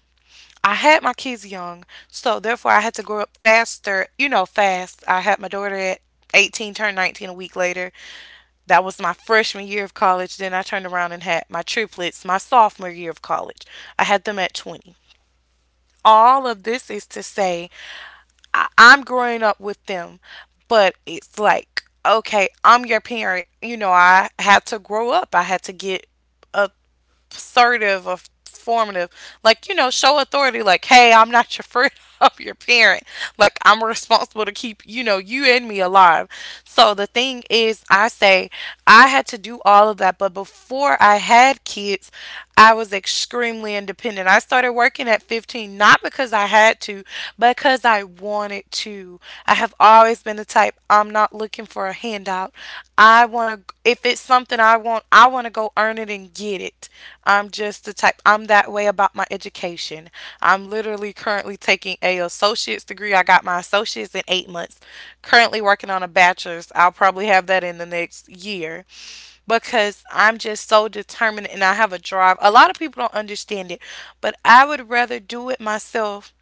Speaker 2: I had my kids young. So therefore, I had to grow up faster, you know, fast. I had my daughter at 18, turned 19 a week later. That was my freshman year of college. Then I turned around and had my triplets my sophomore year of college. I had them at 20. All of this is to say I'm growing up with them, but it's like, okay, I'm your parent. You know, I had to grow up. I had to get assertive or formative. Like, you know, show authority. Like, hey, I'm not your friend. I'm your parent. Like, I'm responsible to keep, you know, you and me alive. So the thing is, I say I had to do all of that. But before I had kids, I was extremely independent. I started working at 15, not because I had to, because I wanted to. I have always been the type I'm not looking for a handout. I want to if it's something I want to go earn it and get it. I'm just the type I'm that way about my education. I'm literally currently taking a associate's degree. I got my associate's in 8 months. Currently working on a bachelor's. I'll probably have that in the next year because I'm just so determined and I have a drive. A lot of people don't understand it, but I would rather do it myself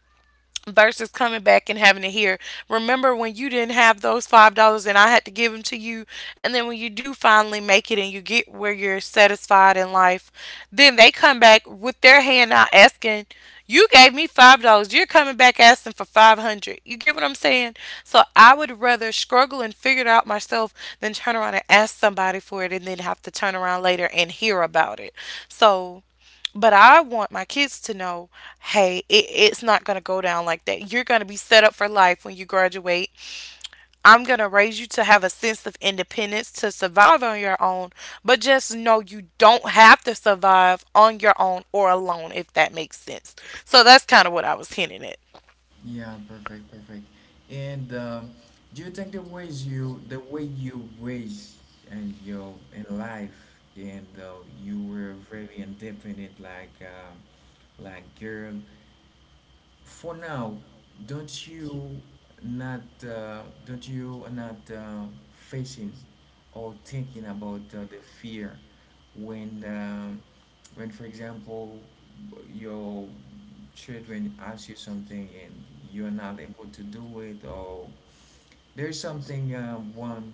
Speaker 2: versus coming back and having to hear. Remember when you didn't have those $5 and I had to give them to you, and then when you do finally make it and you get where you're satisfied in life, then they come back with their hand out asking, "You gave me $5. You're coming back asking for 500." You get what I'm saying? So I would rather struggle and figure it out myself than turn around and ask somebody for it and then have to turn around later and hear about it. So but I want my kids to know, hey, it's not going to go down like that. You're going to be set up for life when you graduate. I'm going to raise you to have a sense of independence to survive on your own, but just know you don't have to survive on your own or alone, if that makes sense. So that's kind of what I was hinting at.
Speaker 1: Yeah, perfect, perfect. And do you think the ways you, the way you raise and your in life, and you were very independent, like girl, for now, don't you don't you not facing or thinking about the fear when when, for example, your children ask you something and you're not able to do it, or there's something one.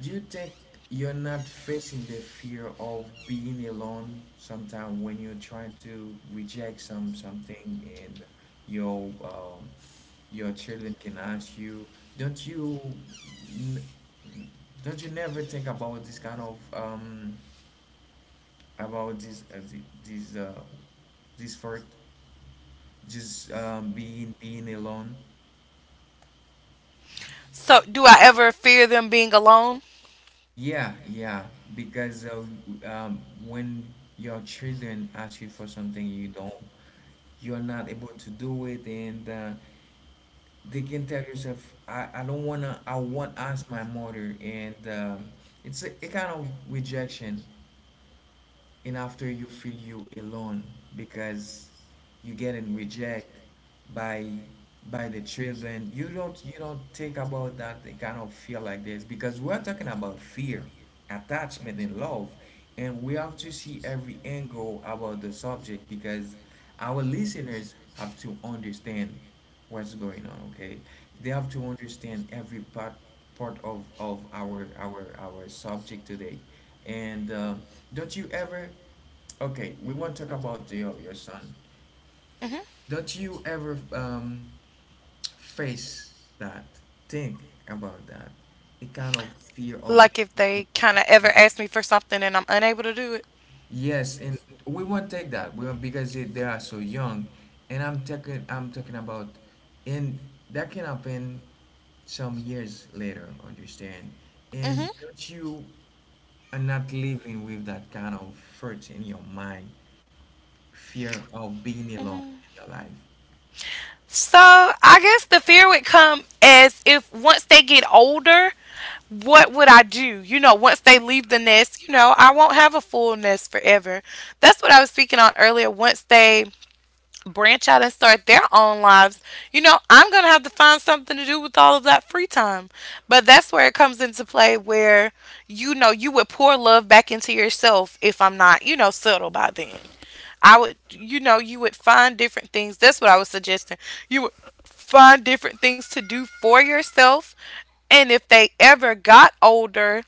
Speaker 1: Do you think you're not facing the fear of being alone sometimes when you're trying to reject some something, and your um, your children can ask you, don't you n- don't you never think about this kind of about this this for just being alone?
Speaker 2: So, do I ever fear them being alone?
Speaker 1: Yeah, yeah, because when your children ask you for something you don't, you're not able to do it, and they can tell yourself, I don't wanna, I want ask my mother, and it's a kind of rejection. And after, you feel you alone because you getting reject by the children. You don't think about that? They kind of feel like this because we're talking about fear, attachment and love, and we have to see every angle about the subject, because our listeners have to understand what's going on. Okay, they have to understand every part of our our subject today. And don't you ever. Okay, we want to talk about your son.
Speaker 2: Hmm.
Speaker 1: Don't you ever face that? Think about that. A kind of fear of
Speaker 2: Like if they kind of ever ask me for something and I'm unable to do it?
Speaker 1: yes, and we won't take that. We won't, because they are so young, and I'm talking about, and that can happen some years later. Understand? And
Speaker 2: Hmm.
Speaker 1: don't you are not living with that kind of hurt in your mind, fear of being alone in your life.
Speaker 2: So I guess the fear would come as if once they get older, what would I do? You know, once they leave the nest, you know, I won't have a full nest forever. That's what I was speaking on earlier. Once they branch out and start their own lives, you know, I'm going to have to find something to do with all of that free time. But that's where it comes into play where, you know, you would pour love back into yourself if I'm not, you know, settled by then. I would, you know, you would find different things. That's what I was suggesting. You would find different things to do for yourself. And if they ever got older,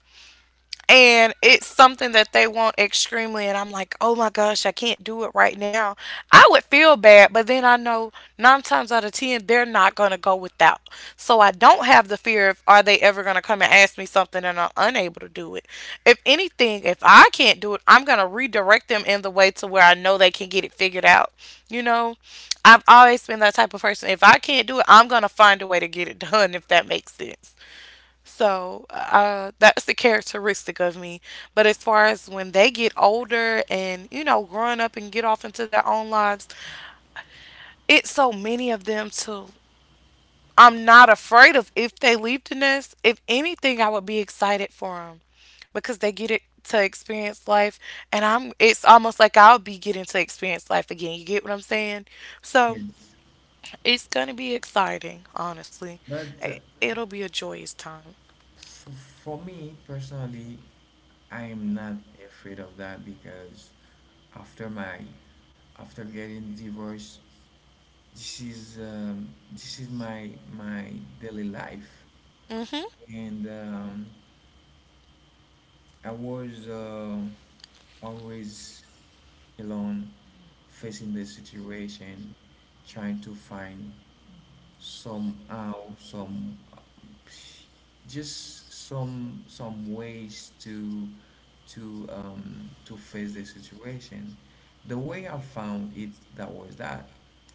Speaker 2: and it's something that they want extremely and I'm like, oh my gosh, I can't do it right now, I would feel bad, but then I know nine times out of ten they're not going to go without. So I don't have the fear of are they ever going to come and ask me something and I'm unable to do it. If anything, if I can't do it I'm going to redirect them in the way to where I know they can get it figured out, you know. I've always been that type of person, if I can't do it I'm going to find a way to get it done, if that makes sense. So that's the characteristic of me. But as far as when they get older and, you know, growing up and get off into their own lives, it's so many of them to, I'm not afraid of if they leave the nest. If anything, I would be excited for them because they get it to experience life. And I'm, it's almost like I'll be getting to experience life again. You get what I'm saying? So
Speaker 1: Yes.
Speaker 2: it's going to be exciting, honestly.
Speaker 1: But
Speaker 2: It- It'll be a joyous time.
Speaker 1: F- for me personally, I am not afraid of that, because after my after getting divorced, this is my daily life,
Speaker 2: Mm
Speaker 1: and I was always alone, facing the situation, trying to find somehow, some, just some ways to face the situation. The way I found it that was that,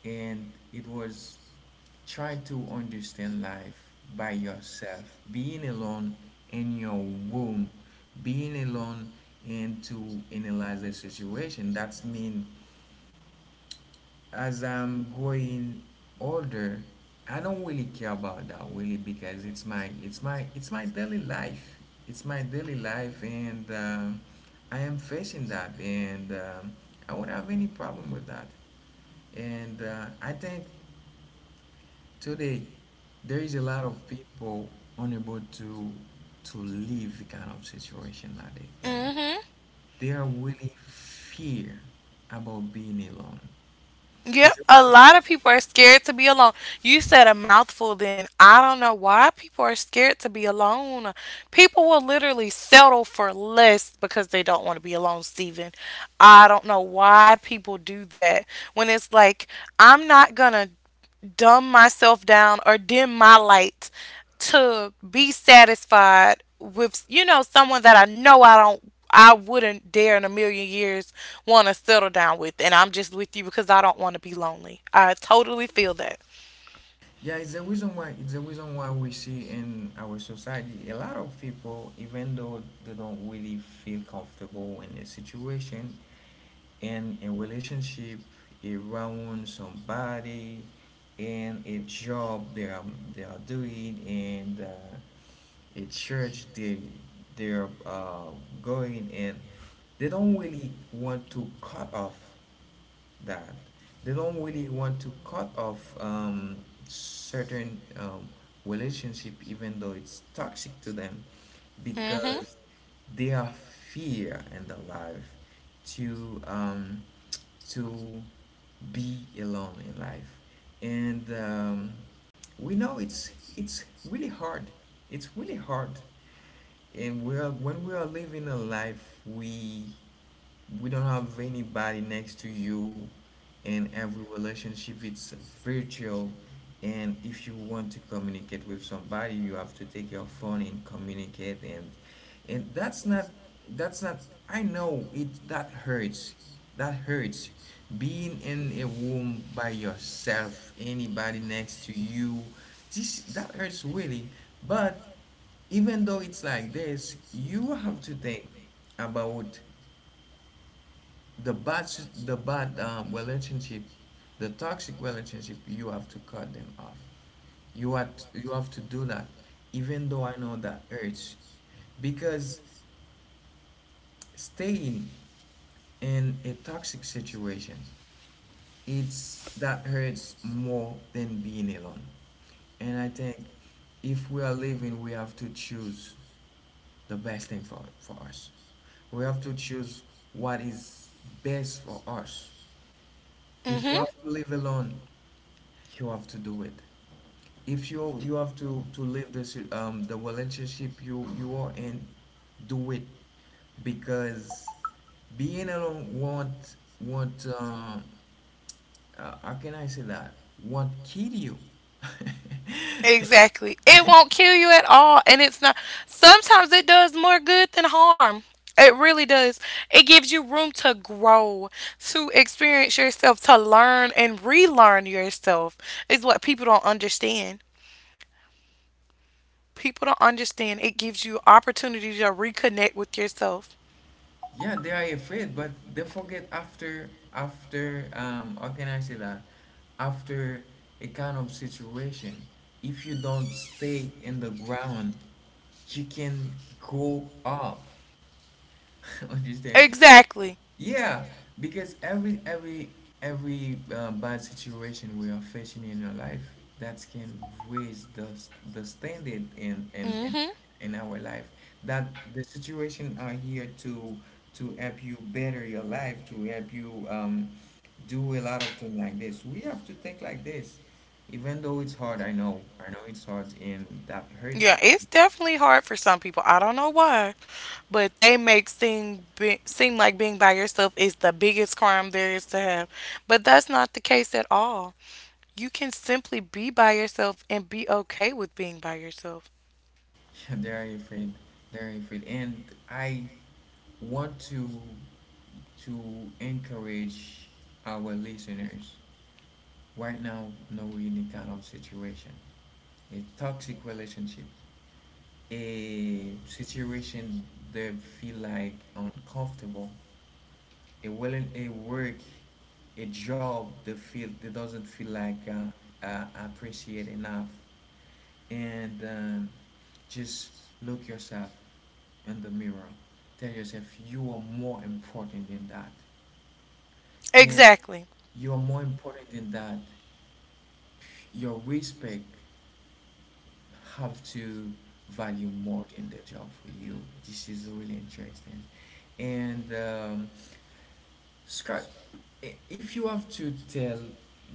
Speaker 1: and it was try to understand life by yourself, being alone in your room, being alone, and to analyze the situation. That's mean, as I'm growing older, I don't really care about that really, because it's my it's my daily life. It's my daily life, and I am facing that, and I won't have any problem with that. And I think today there is a lot of people unable to live the kind of situation like that. Like
Speaker 2: hmm.
Speaker 1: they are really fear about being alone.
Speaker 2: Yep, a lot of people are scared to be alone. You said a mouthful then. I don't know why people are scared to be alone. People will literally settle for less because they don't want to be alone, Steven. I don't know why people do that. When it's like, I'm not going to dumb myself down or dim my light to be satisfied with, you know, someone that I know I don't, I wouldn't dare in a million years want to settle down with and I'm just with you because I don't want to be lonely. I totally feel that.
Speaker 1: Yeah, it's the reason why, we see in our society a lot of people, even though they don't really feel comfortable in a situation, in a relationship, around somebody, in a job they are doing, and a church they're going, and they don't really want to cut off that. They don't really want to cut off certain relationship even though it's toxic to them,
Speaker 2: Mhm.
Speaker 1: because they are fear in their life to to be alone in life. And we know it's really hard, it's really hard, and we are, when we are living a life, we don't have anybody next to you. In every relationship, it's virtual, and if you want to communicate with somebody, you have to take your phone and communicate. And that's not, that's not I know it that hurts, that hurts, being in a room by yourself, anybody next to you. This, that hurts really. But even though it's like this, you have to think about the bad relationship, the toxic relationship. You have to cut them off. You have you have to do that, even though I know that urge. Because staying in a toxic situation, it's that hurts more than being alone. And I think, if we are living, we have to choose the best thing for us. We have to choose what is best for us. If
Speaker 2: Mhm.
Speaker 1: you have to live alone, you have to do it. If you have to leave this the relationship you are in, do it. Because being alone won't how can I say that, won't kill you.
Speaker 2: Exactly. It won't kill you at all. And it's not, sometimes it does more good than harm. It really does. It gives you room to grow, to experience yourself, to learn and relearn yourself is what people don't understand. People don't understand. It gives you opportunity to reconnect with yourself.
Speaker 1: Yeah, they are afraid, but they forget, after how can I say that, after a kind of situation, if you don't stay in the ground, you can go up. Understand?
Speaker 2: Exactly.
Speaker 1: Yeah, because every every bad situation we are facing in our life, that can raise the standard in
Speaker 2: Mm. Mhm.
Speaker 1: in our life. That the situation are here to help you better your life, to help you do a lot of things like this. We have to think like this, even though it's hard. I know it's hard, and that hurts.
Speaker 2: Yeah, it's definitely hard for some people. I don't know why. But they make seem be, seem like being by yourself is the biggest crime there is to have. But that's not the case at all. You can simply be by yourself and be okay with being by yourself.
Speaker 1: There you feel, and I want to. To encourage our listeners right now, no any kind of situation, a toxic relationship, a situation they feel like uncomfortable, a well a work, a job they feel they doesn't feel like appreciated enough, and just look yourself in the mirror, tell yourself you are more important than that, and
Speaker 2: Exactly.
Speaker 1: you are more important than that. Your respect have to value more in the job for you. This is really interesting. And Scott, if you have to tell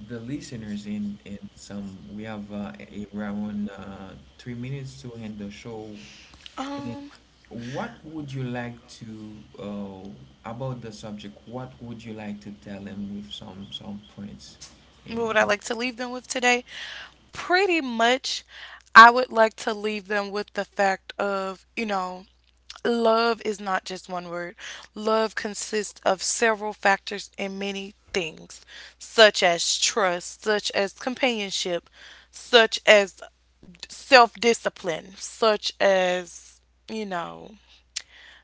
Speaker 1: the listeners in some, we have around 3 minutes to end the show. And
Speaker 2: Um,
Speaker 1: what would you like to about the subject? What would you like to tell them with some points?
Speaker 2: what would I
Speaker 1: And
Speaker 2: like to leave them with today? Pretty much, I would like to leave them with the fact of, you know, love is not just one word. Love consists of several factors and many things, such as trust, such as companionship, such as self discipline, such as, you know,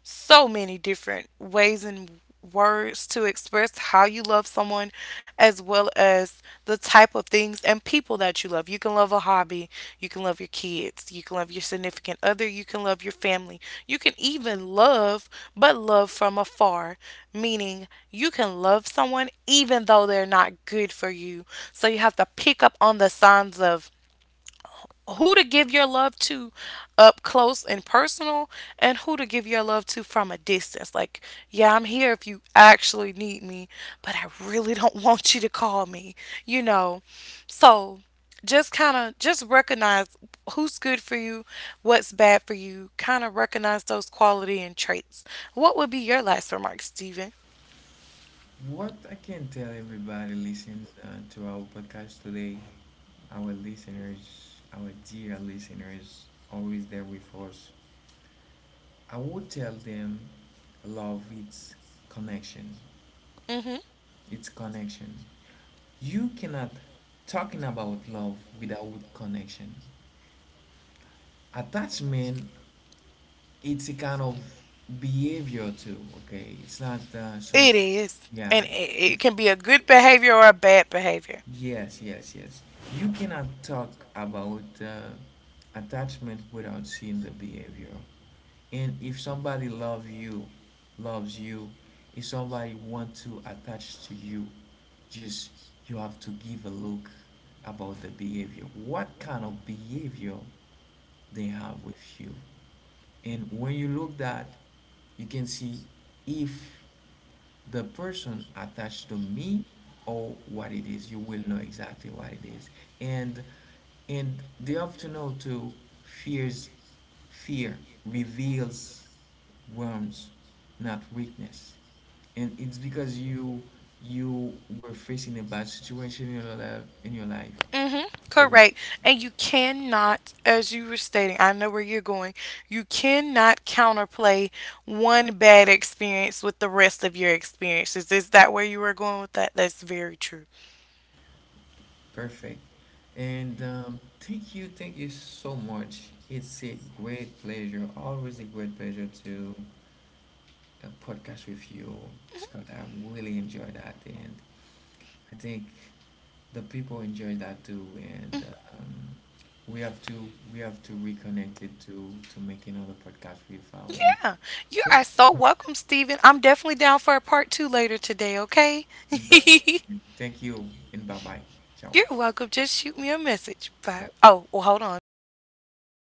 Speaker 2: so many different ways and words to express how you love someone as well as the type of things and people that you love. You can love a hobby, you can love your kids, you can love your significant other, you can love your family. You can even love but love from afar, meaning you can love someone even though they're not good for you. So you have to pick up on the signs of who to give your love to up close and personal and who to give your love to from a distance, like yeah, I'm here if you actually need me, but I really don't want you to call me, you know. So just kind of just recognize who's good for you, what's bad for you, kind of recognize those quality and traits. What would be your last remark, Stephen?
Speaker 1: what I can tell everybody listening to our podcast today, our listeners, our dear listeners, always there with us, I would tell them love, it's connection.
Speaker 2: Mm-hmm.
Speaker 1: It's connection. You cannot talking about love without connection. Attachment, it's a kind of behavior too, okay? It's not
Speaker 2: It
Speaker 1: something.
Speaker 2: is,
Speaker 1: Yeah.
Speaker 2: and it can be a good behavior or a bad behavior.
Speaker 1: Yes, yes, yes. You cannot talk about attachment without seeing the behavior. And if somebody love you, loves you, if somebody want to attach to you, just you have to give a look about the behavior. What kind of behavior they have with you? And when you look that, you can see if the person attached to me or what it is. You will know exactly what it is. And they have to know too, fears, fear reveals worms, not weakness. And it's because you were facing a bad situation in your life
Speaker 2: Mm-hmm. Correct. And you cannot, as you were stating, I know where you're going, you cannot counterplay one bad experience with the rest of your experiences. Is that where you were going with that? That's very true.
Speaker 1: Perfect. And thank you so much. It's a great pleasure, always a great pleasure to podcast with you, Scott. I really enjoy that, and I think the people enjoy that too. And um, we have to reconnect it to make another podcast with our listeners.
Speaker 2: Yeah. You
Speaker 1: Thank
Speaker 2: are so
Speaker 1: you so
Speaker 2: welcome, Steven. I'm definitely down for a part two later today, okay?
Speaker 1: much. Perfect. Thank you, and bye bye. Ciao.
Speaker 2: You're welcome. Just shoot me a message. Bye.
Speaker 1: Bye.
Speaker 2: Oh, well, hold on. We got to